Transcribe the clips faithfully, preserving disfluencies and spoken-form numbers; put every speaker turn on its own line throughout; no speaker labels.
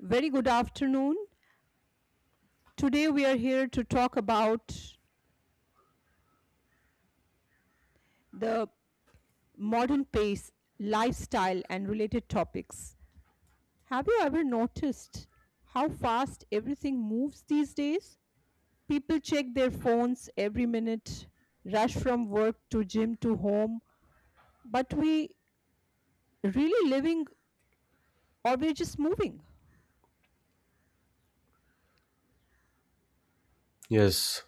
Very good afternoon. Today we are here to talk about the modern pace, lifestyle, and related topics. Have you ever noticed how fast everything moves these days? People check their phones every minute, rush from work to gym to home, but we really living or we're just moving.
Yes,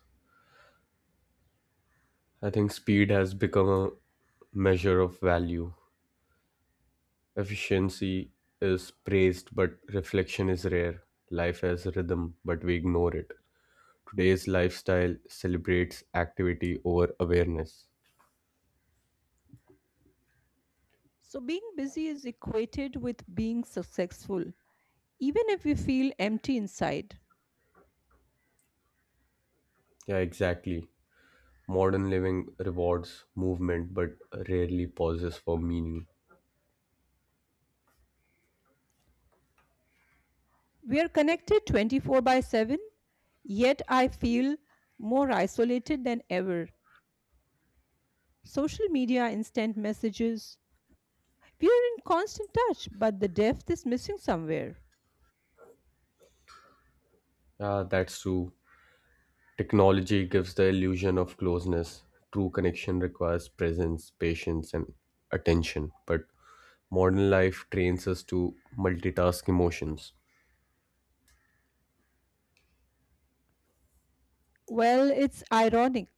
I think speed has become a measure of value. Efficiency is praised, but reflection is rare. Life has rhythm, but we ignore it. Today's lifestyle celebrates activity over awareness.
So being busy is equated with being successful, even if we feel empty inside.
Yeah, exactly. Modern living rewards movement, but rarely pauses for meaning.
We are connected 24 by 7, yet I feel more isolated than ever. Social media, instant messages. We are in constant touch, but the depth is missing somewhere.
Yeah, that's true. Technology gives the illusion of closeness. True connection requires presence, patience, and attention. But modern life trains us to multitask emotions.
Well, it's ironic.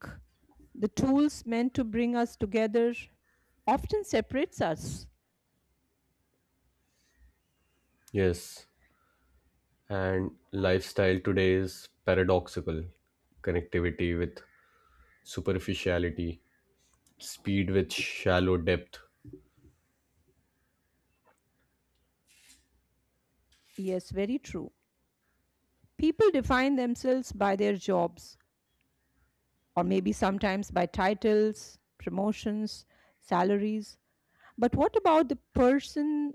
The tools meant to bring us together often separates us.
Yes, and lifestyle today is paradoxical connectivity with superficiality, speed with shallow depth.
Yes, very true. People define themselves by their jobs, or maybe sometimes by titles, promotions, salaries. But what about the person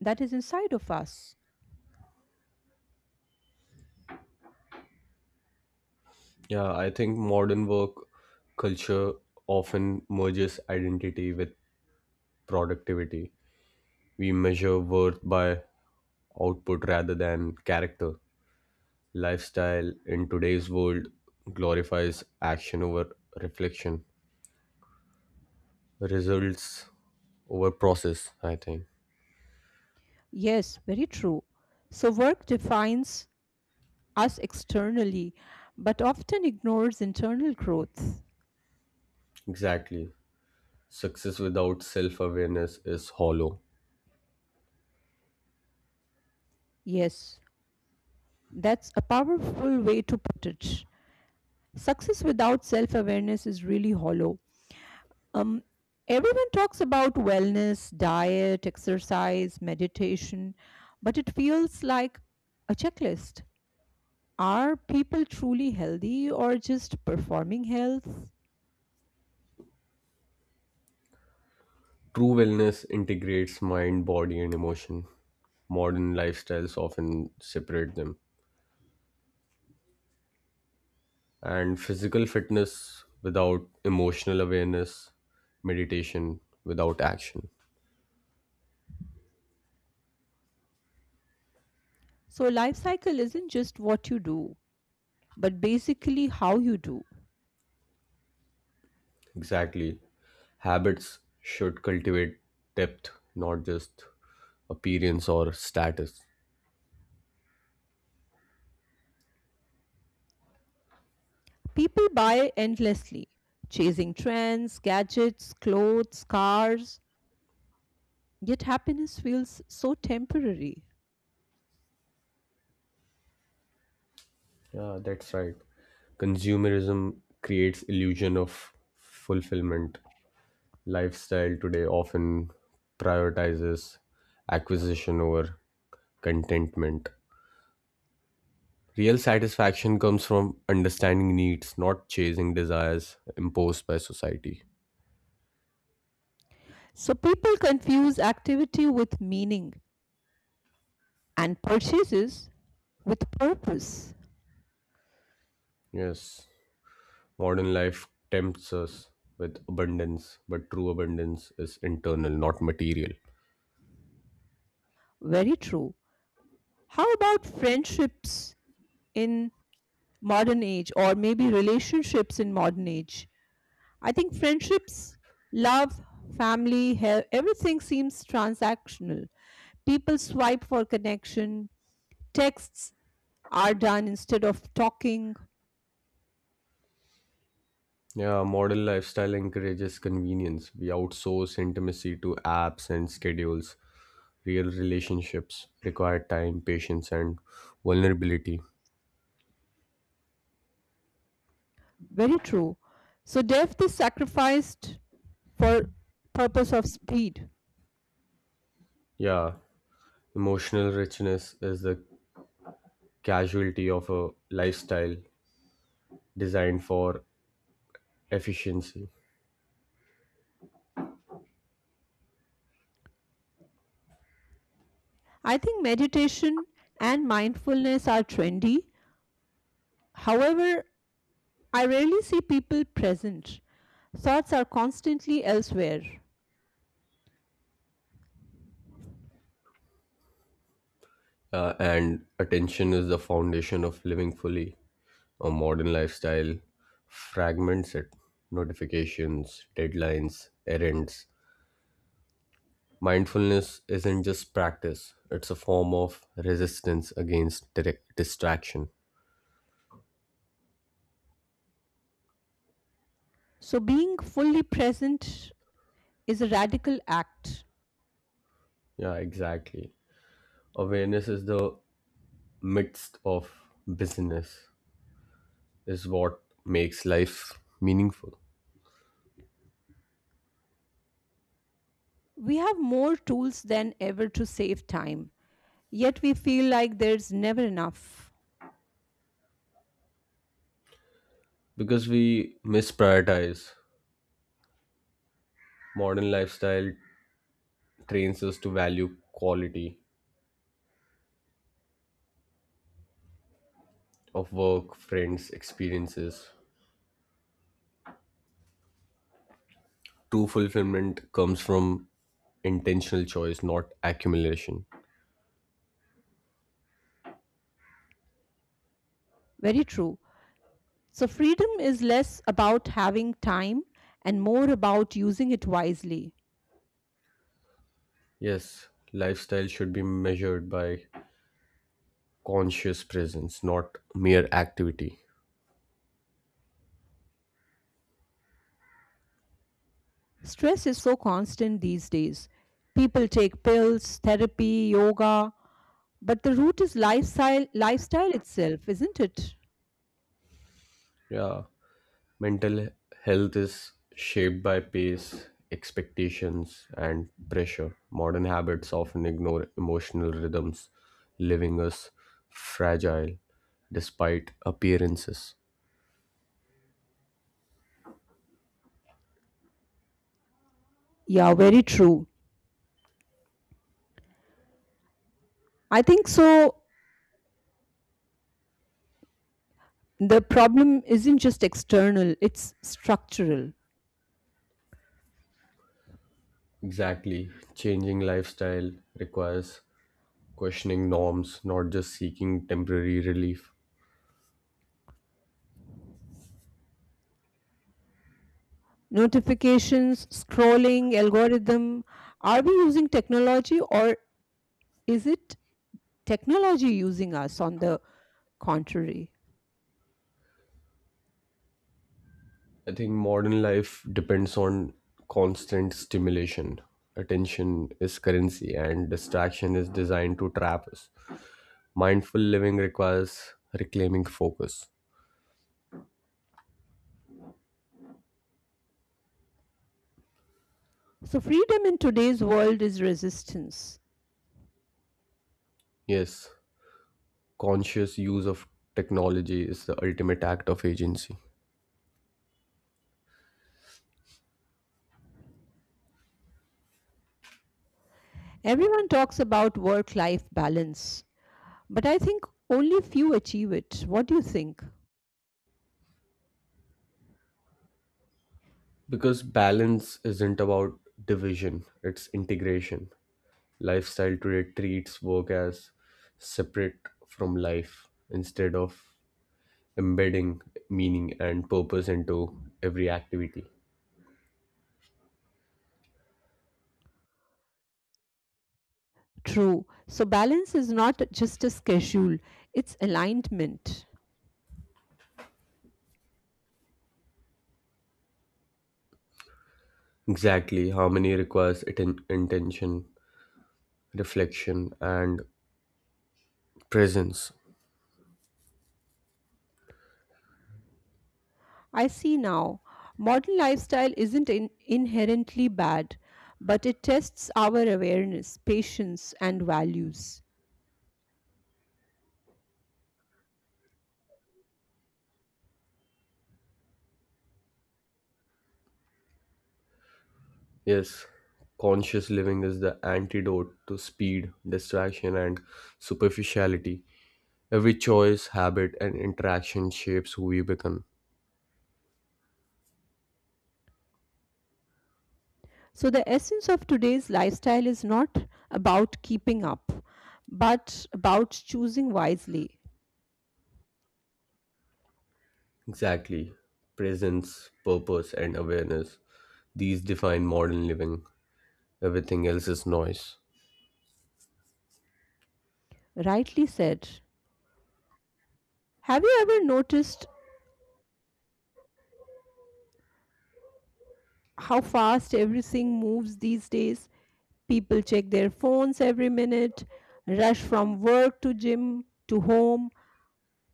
that is inside of us?
Yeah, I think modern work culture often merges identity with productivity. We measure worth by output rather than character. Lifestyle in today's world glorifies action over reflection, results over process, I think.
Yes, very true. So work defines us externally, but often ignores internal growth.
Exactly. Success without self awareness is hollow.
Yes, that's a powerful way to put it. Success without self awareness is really hollow. Um, Everyone talks about wellness, diet, exercise, meditation, but it feels like a checklist. Are people truly healthy or just performing health?
True wellness integrates mind, body, and emotion. Modern lifestyles often separate them. And physical fitness without emotional awareness, meditation without action.
So, life cycle isn't just what you do, but basically how you do.
Exactly. Habits should cultivate depth, not just appearance or status.
People buy endlessly, chasing trends, gadgets, clothes, cars, yet happiness feels so temporary.
Yeah, that's right. Consumerism creates illusion of fulfillment. Lifestyle today often prioritizes acquisition over contentment. Real satisfaction comes from understanding needs, not chasing desires imposed by society.
So, people confuse activity with meaning and purchases with purpose.
Yes. Modern life tempts us with abundance, but true abundance is internal, not material.
Very true. How about friendships in modern age or maybe relationships in modern age? I think friendships, love, family, health, everything seems transactional. People swipe for connection, texts are done instead of talking.
Yeah, modern lifestyle encourages convenience. We outsource intimacy to apps and schedules. Real relationships require time, patience, and vulnerability.
Very true. So depth is sacrificed for purpose of speed.
Yeah, emotional richness is the casualty of a lifestyle designed for efficiency.
I think meditation and mindfulness are trendy, however, I rarely see people present, thoughts are constantly elsewhere.
Uh, and attention is the foundation of living fully. A modern lifestyle fragments it. Notifications, deadlines, errands. Mindfulness isn't just practice, it's a form of resistance against dir- distraction.
So, being fully present is a radical act.
Yeah, exactly. Awareness is the midst of busyness is what makes life meaningful.
We have more tools than ever to save time, yet we feel like there's never enough.
Because we misprioritize, modern lifestyle trains us to value quality of work, friends, experiences. True fulfillment comes from intentional choice, not accumulation.
Very true. So, freedom is less about having time and more about using it wisely.
Yes, lifestyle should be measured by conscious presence, not mere activity.
Stress is so constant these days. People take pills, therapy, yoga, but the root is lifestyle, lifestyle itself, isn't it?
Yeah, mental health is shaped by pace, expectations, and pressure. Modern habits often ignore emotional rhythms, leaving us fragile despite appearances.
Yeah, very true. I think so. The problem isn't just external, it's structural.
Exactly. Changing lifestyle requires questioning norms, not just seeking temporary relief.
Notifications, scrolling, algorithm. Are we using technology or is it technology using us on the contrary?
I think modern life depends on constant stimulation. Attention is currency, and distraction is designed to trap us. Mindful living requires reclaiming focus.
So, freedom in today's world is resistance.
Yes, conscious use of technology is the ultimate act of agency.
Everyone talks about work life balance, but I think only few achieve it. What do you think?
Because balance isn't about division, it's integration. Lifestyle today treats work as separate from life instead of embedding meaning and purpose into every activity.
True. So balance is not just a schedule, it's alignment.
Exactly, harmony requires atten- intention, reflection, and presence.
I see now. Modern lifestyle isn't in- inherently bad, but it tests our awareness, patience, and values.
Yes, conscious living is the antidote to speed, distraction, and superficiality. Every choice, habit, and interaction shapes who we become.
So the essence of today's lifestyle is not about keeping up, but about choosing wisely.
Exactly. Presence, purpose, and awareness. These define modern living. Everything else is noise.
Rightly said. Have you ever noticed how fast everything moves these days? People check their phones every minute, rush from work to gym to home.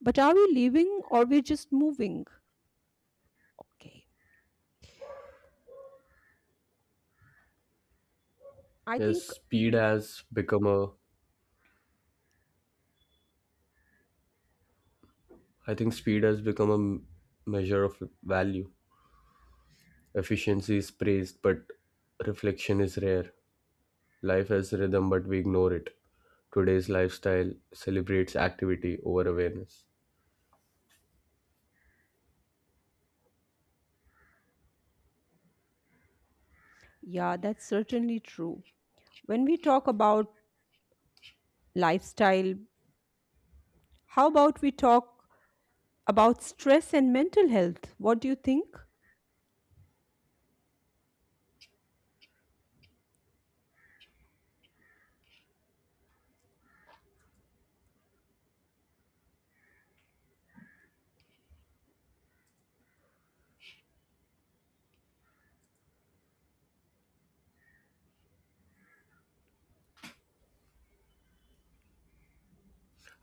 But are we living or we're just moving? Okay. I
Yes,
think,
speed has become a. I think speed has become a m- measure of value. Efficiency is praised, but reflection is rare. Life has rhythm, but we ignore it. Today's lifestyle celebrates activity over awareness.
yeah, that's certainly true. When we talk about lifestyle, how about we talk about stress and mental health? What do you think?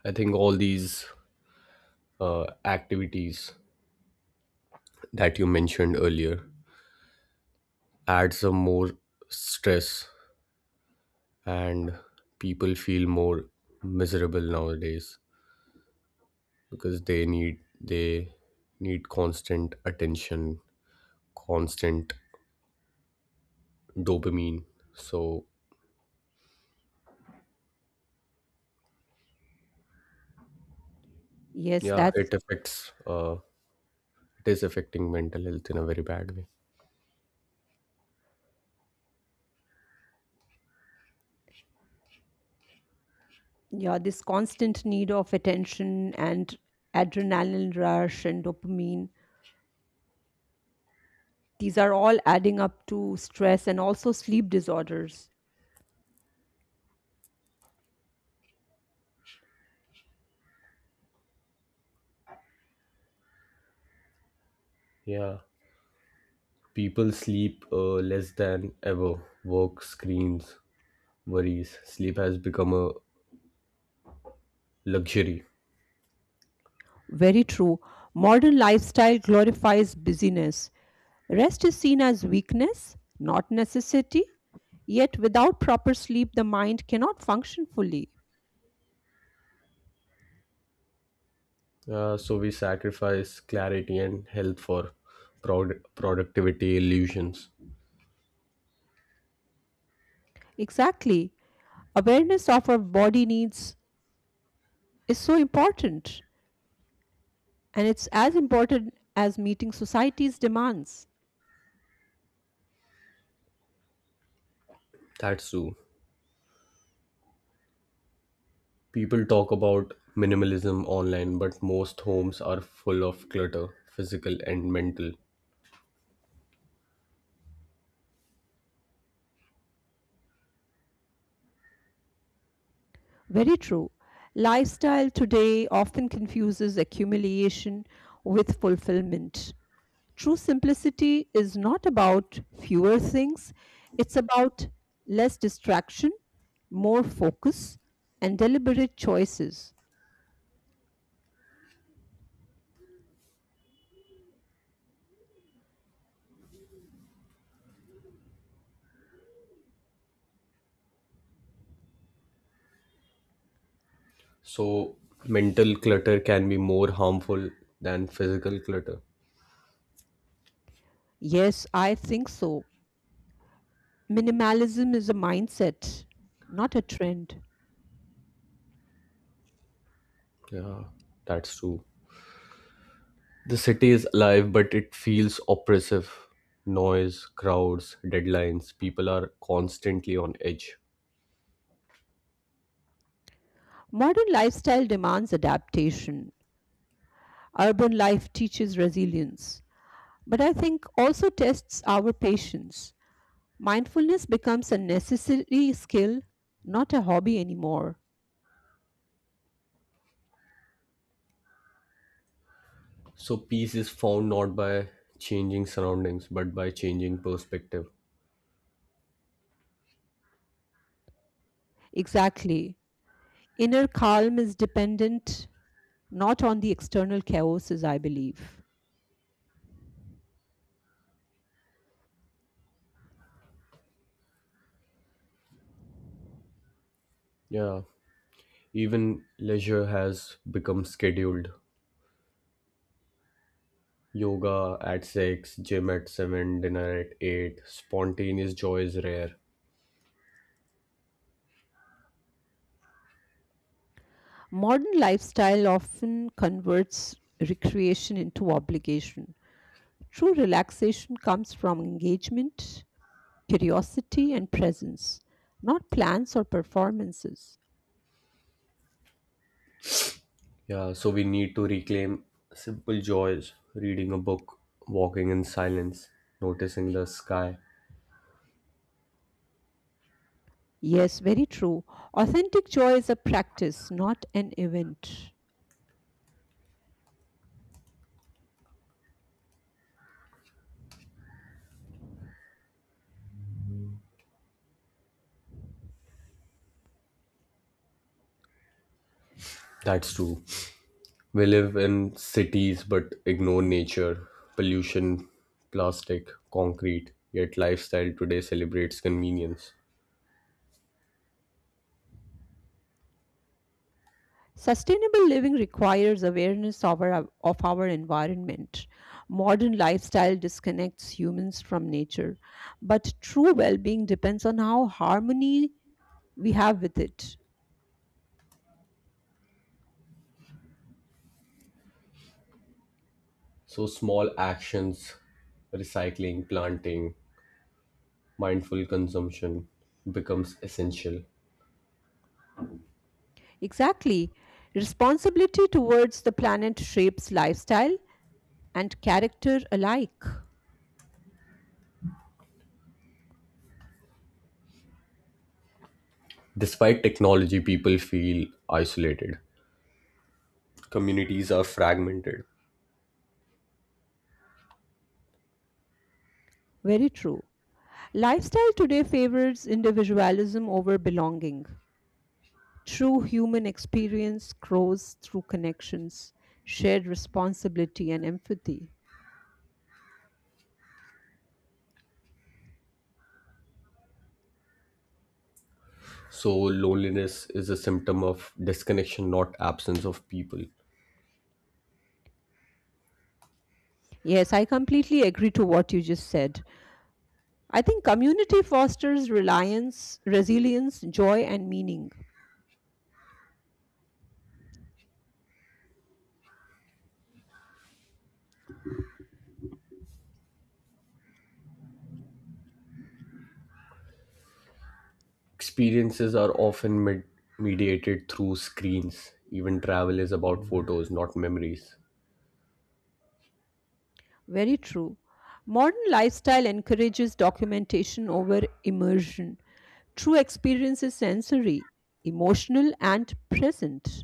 I think all these uh, activities that you mentioned earlier add some more stress, and people feel more miserable nowadays because they need they need constant attention, constant dopamine. So
Yes,
yeah,
that's,
it affects. Uh, it is affecting mental health in a very bad way.
yeah, this constant need of attention and adrenaline rush and dopamine. These are all adding up to stress and also sleep disorders.
Yeah. People sleep uh, less than ever. Work, screens, worries. Sleep has become a luxury.
Very true. Modern lifestyle glorifies busyness. Rest is seen as weakness, not necessity. Yet, without proper sleep, the mind cannot function fully.
Uh, so we sacrifice clarity and health for prod- productivity illusions.
Exactly. Awareness of our body needs is so important, and it's as important as meeting society's demands.
That's true. People talk about minimalism online, but most homes are full of clutter, physical and mental.
Very true. Lifestyle today often confuses accumulation with fulfillment. True simplicity is not about fewer things, it's about less distraction, more focus, and deliberate choices.
So mental clutter can be more harmful than physical clutter.
Yes, I think so. Minimalism is a mindset, not a trend.
Yeah, that's true. The city is alive, but it feels oppressive. Noise, crowds, deadlines, people are constantly on edge.
Modern lifestyle demands adaptation. Urban life teaches resilience, but I think also tests our patience. Mindfulness becomes a necessary skill, not a hobby anymore.
So, peace is found not by changing surroundings, but by changing perspective.
Exactly. Inner calm is dependent not on the external chaoses, I believe.
Yeah, even leisure has become scheduled. Yoga at six, gym at seven, dinner at eight. Spontaneous joy is rare.
Modern lifestyle often converts recreation into obligation. True relaxation comes from engagement, curiosity, and presence, not plans or performances.
Yeah, so we need to reclaim simple joys reading a book, walking in silence, noticing the sky.
Yes, very true. Authentic joy is a practice, not an event.
That's true. We live in cities but ignore nature, pollution, plastic, concrete, yet lifestyle today celebrates convenience.
Sustainable living requires awareness of our, of our environment. Modern lifestyle disconnects humans from nature, but true well being depends on how harmony we have with it.
So small actions, recycling, planting, mindful consumption becomes essential.
Exactly. Responsibility towards the planet shapes lifestyle and character alike.
Despite technology, people feel isolated. Communities are fragmented.
Very true. Lifestyle today favors individualism over belonging. True human experience grows through connections, shared responsibility, and empathy.
So loneliness is a symptom of disconnection, not absence of people.
Yes, I completely agree to what you just said. I think community fosters reliance, resilience, joy, and meaning.
Experiences are often med- mediated through screens. Even travel is about photos, not memories.
Very true. Modern lifestyle encourages documentation over immersion. True experience is sensory, emotional, and present.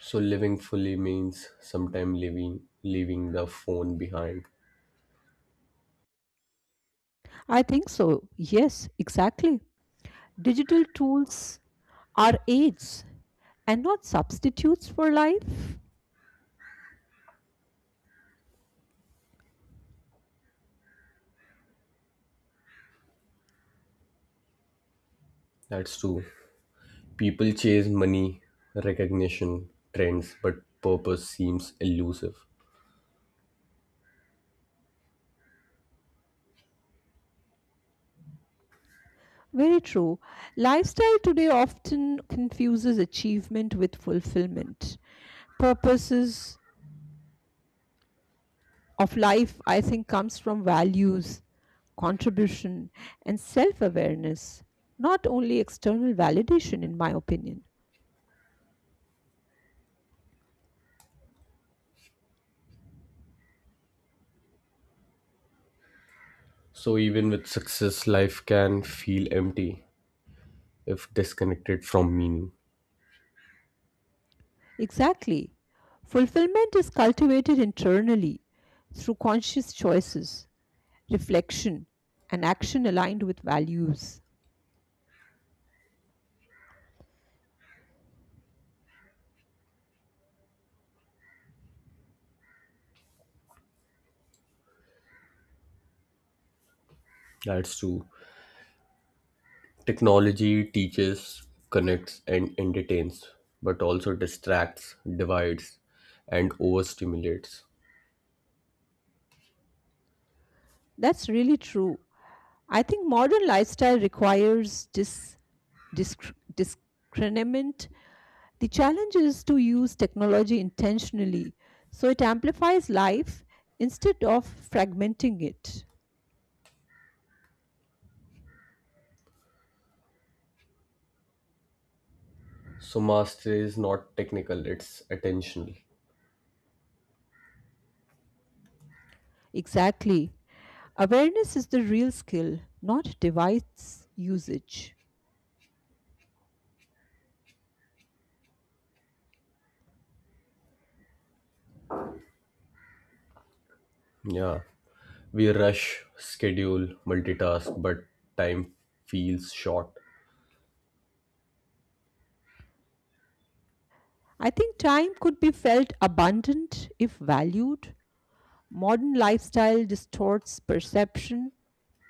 So living fully means sometimes leaving leaving the phone behind.
I think so. Yes, exactly. Digital tools are aids and not substitutes for life.
That's true. People chase money, recognition, trends, but purpose seems elusive.
Very true. Lifestyle today often confuses achievement with fulfillment. Purposes of life, I think, comes from values, contribution, and self awareness, not only external validation, in my opinion.
So even with success, life can feel empty if disconnected from meaning.
Exactly. Fulfillment is cultivated internally through conscious choices reflection, and action aligned with values.
That's true. Technology teaches, connects, and entertains, but also distracts, divides, and overstimulates.
That's really true. I think modern lifestyle requires dis, disc, discernment. The challenge is to use technology intentionally so it amplifies life instead of fragmenting it.
So, mastery is not technical, it's attentional.
Exactly. Awareness is the real skill, not device usage.
Yeah. We rush, schedule, multitask, but time feels short.
I think time could be felt abundant if valued. Modern lifestyle distorts perception.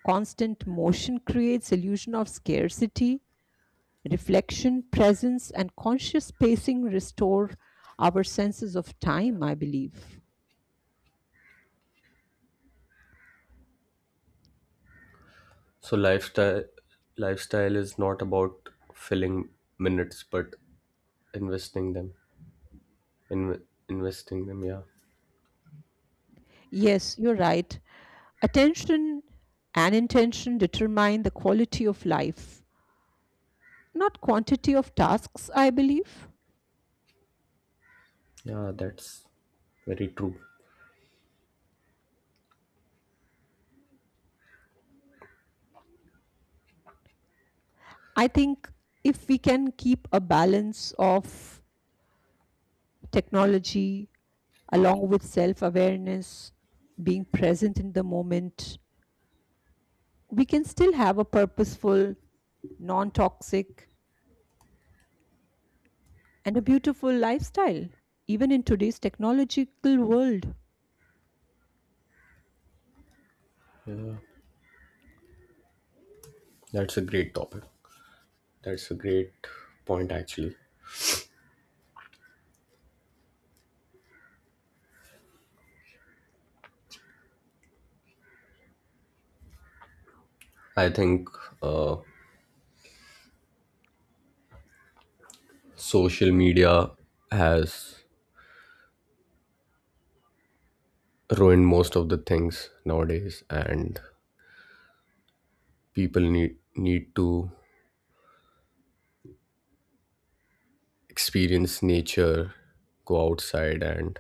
Constant motion creates illusion of scarcity. Reflection, presence, and conscious pacing restore our senses of time, I believe.
So, lifestyle, lifestyle is not about filling minutes, but investing them. In, investing them, yeah.
Yes, you're right. Attention and intention determine the quality of life, not quantity of tasks, I believe.
Yeah, that's very true.
I think if we can keep a balance of technology, along with self awareness, being present in the moment, we can still have a purposeful, non toxic, and a beautiful lifestyle, even in today's technological world.
That's a great topic. That's a great point, actually. I think uh, social media has ruined most of the things nowadays, and people need need to experience nature, go outside, and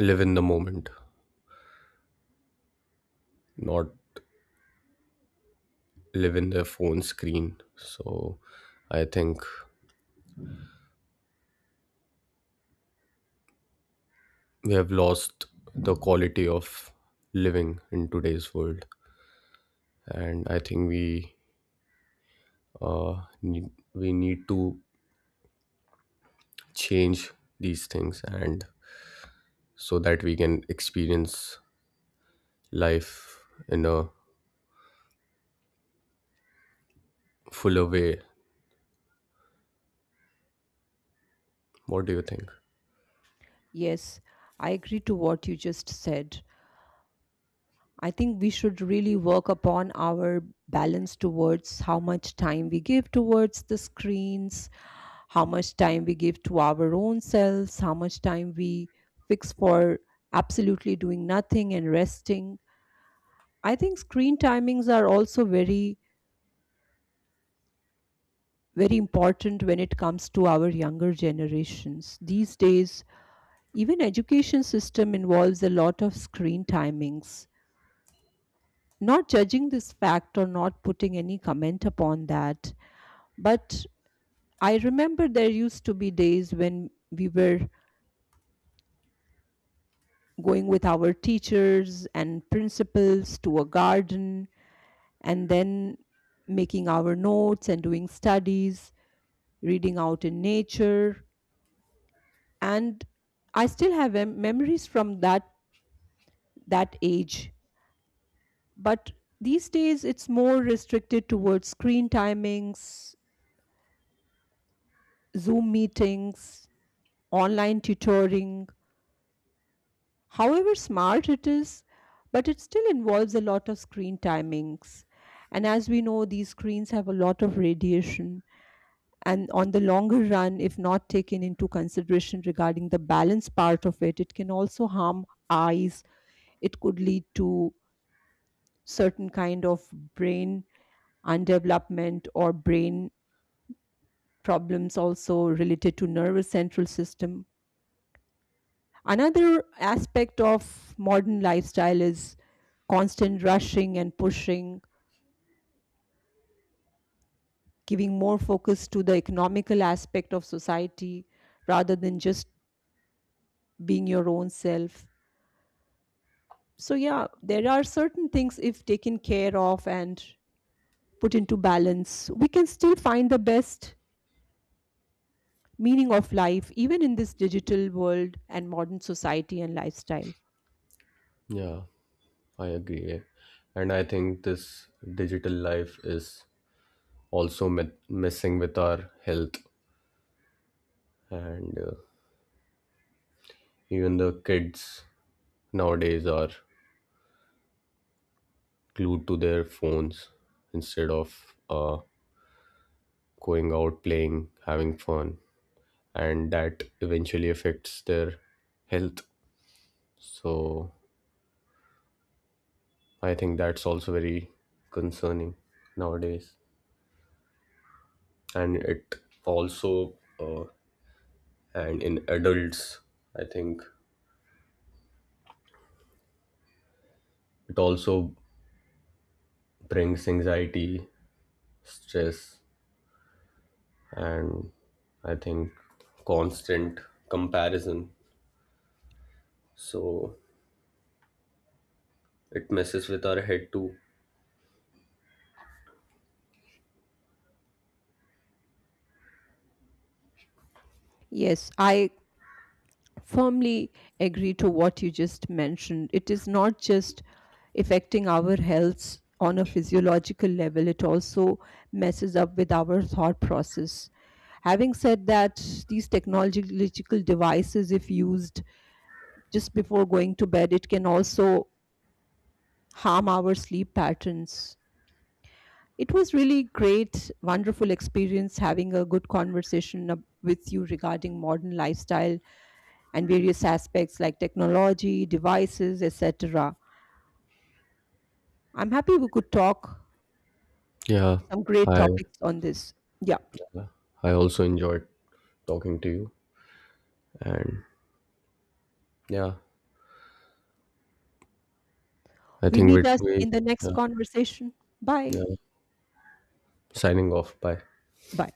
live in the moment, not live in their phone screen. So, I think we have lost the quality of living in today's world, and I think we uh, need we need to change these things and so that we can experience life in a fuller way. What do you think?
Yes, I agree to what you just said. I think we should really work upon our balance towards how much time we give towards the screens, how much time we give to our own selves, how much time we fix for absolutely doing nothing and resting. I think screen timings are also very, very important when it comes to our younger generations. These days, even education system involves a lot of screen timings, not judging this fact or not putting any comment upon that. But I remember there used to be days when we were going with our teachers and principals to a garden and then making our notes and doing studies, reading out in nature. And I still have mem- memories from that that age. But these days it's more restricted towards screen timings, Zoom meetings, online tutoring. However smart it is, but it still involves a lot of screen timings. And as we know, these screens have a lot of radiation. And on the longer run, if not taken into consideration regarding the balance part of it, it can also harm eyes. It could lead to certain kind of brain undevelopment or brain problems also related to nervous central system. Another aspect of modern lifestyle is constant rushing and pushing, giving more focus to the economical aspect of society rather than just being your own self. So, yeah, there are certain things, if taken care of and put into balance, we can still find the best meaning of life, even in this digital world and modern society and lifestyle.
Yeah, I agree. And I think this digital life is also me- messing with our health. And uh, even the kids nowadays are glued to their phones instead of uh, going out, playing, having fun. And that eventually affects their health. So I think that's also very concerning nowadays, and it also uh, and in adults, I think it also brings anxiety, stress, and I think constant comparison. So it messes with our head too.
Yes, I firmly agree to what you just mentioned. It is not just affecting our health on a physiological level, it also messes up with our thought process. Having said that, these technological devices, if used just before going to bed, it can also harm our sleep patterns. It was really great, wonderful experience having a good conversation ab- with you regarding modern lifestyle and various aspects like technology, devices, et cetera. I'm happy we could talk
Yeah,
some great
I
topics on this. Yeah.
I also enjoyed talking to you, and yeah, I
We
think we
meet us in
we
the
yeah,
next conversation. Bye.
yeah signing off. Bye.
Bye.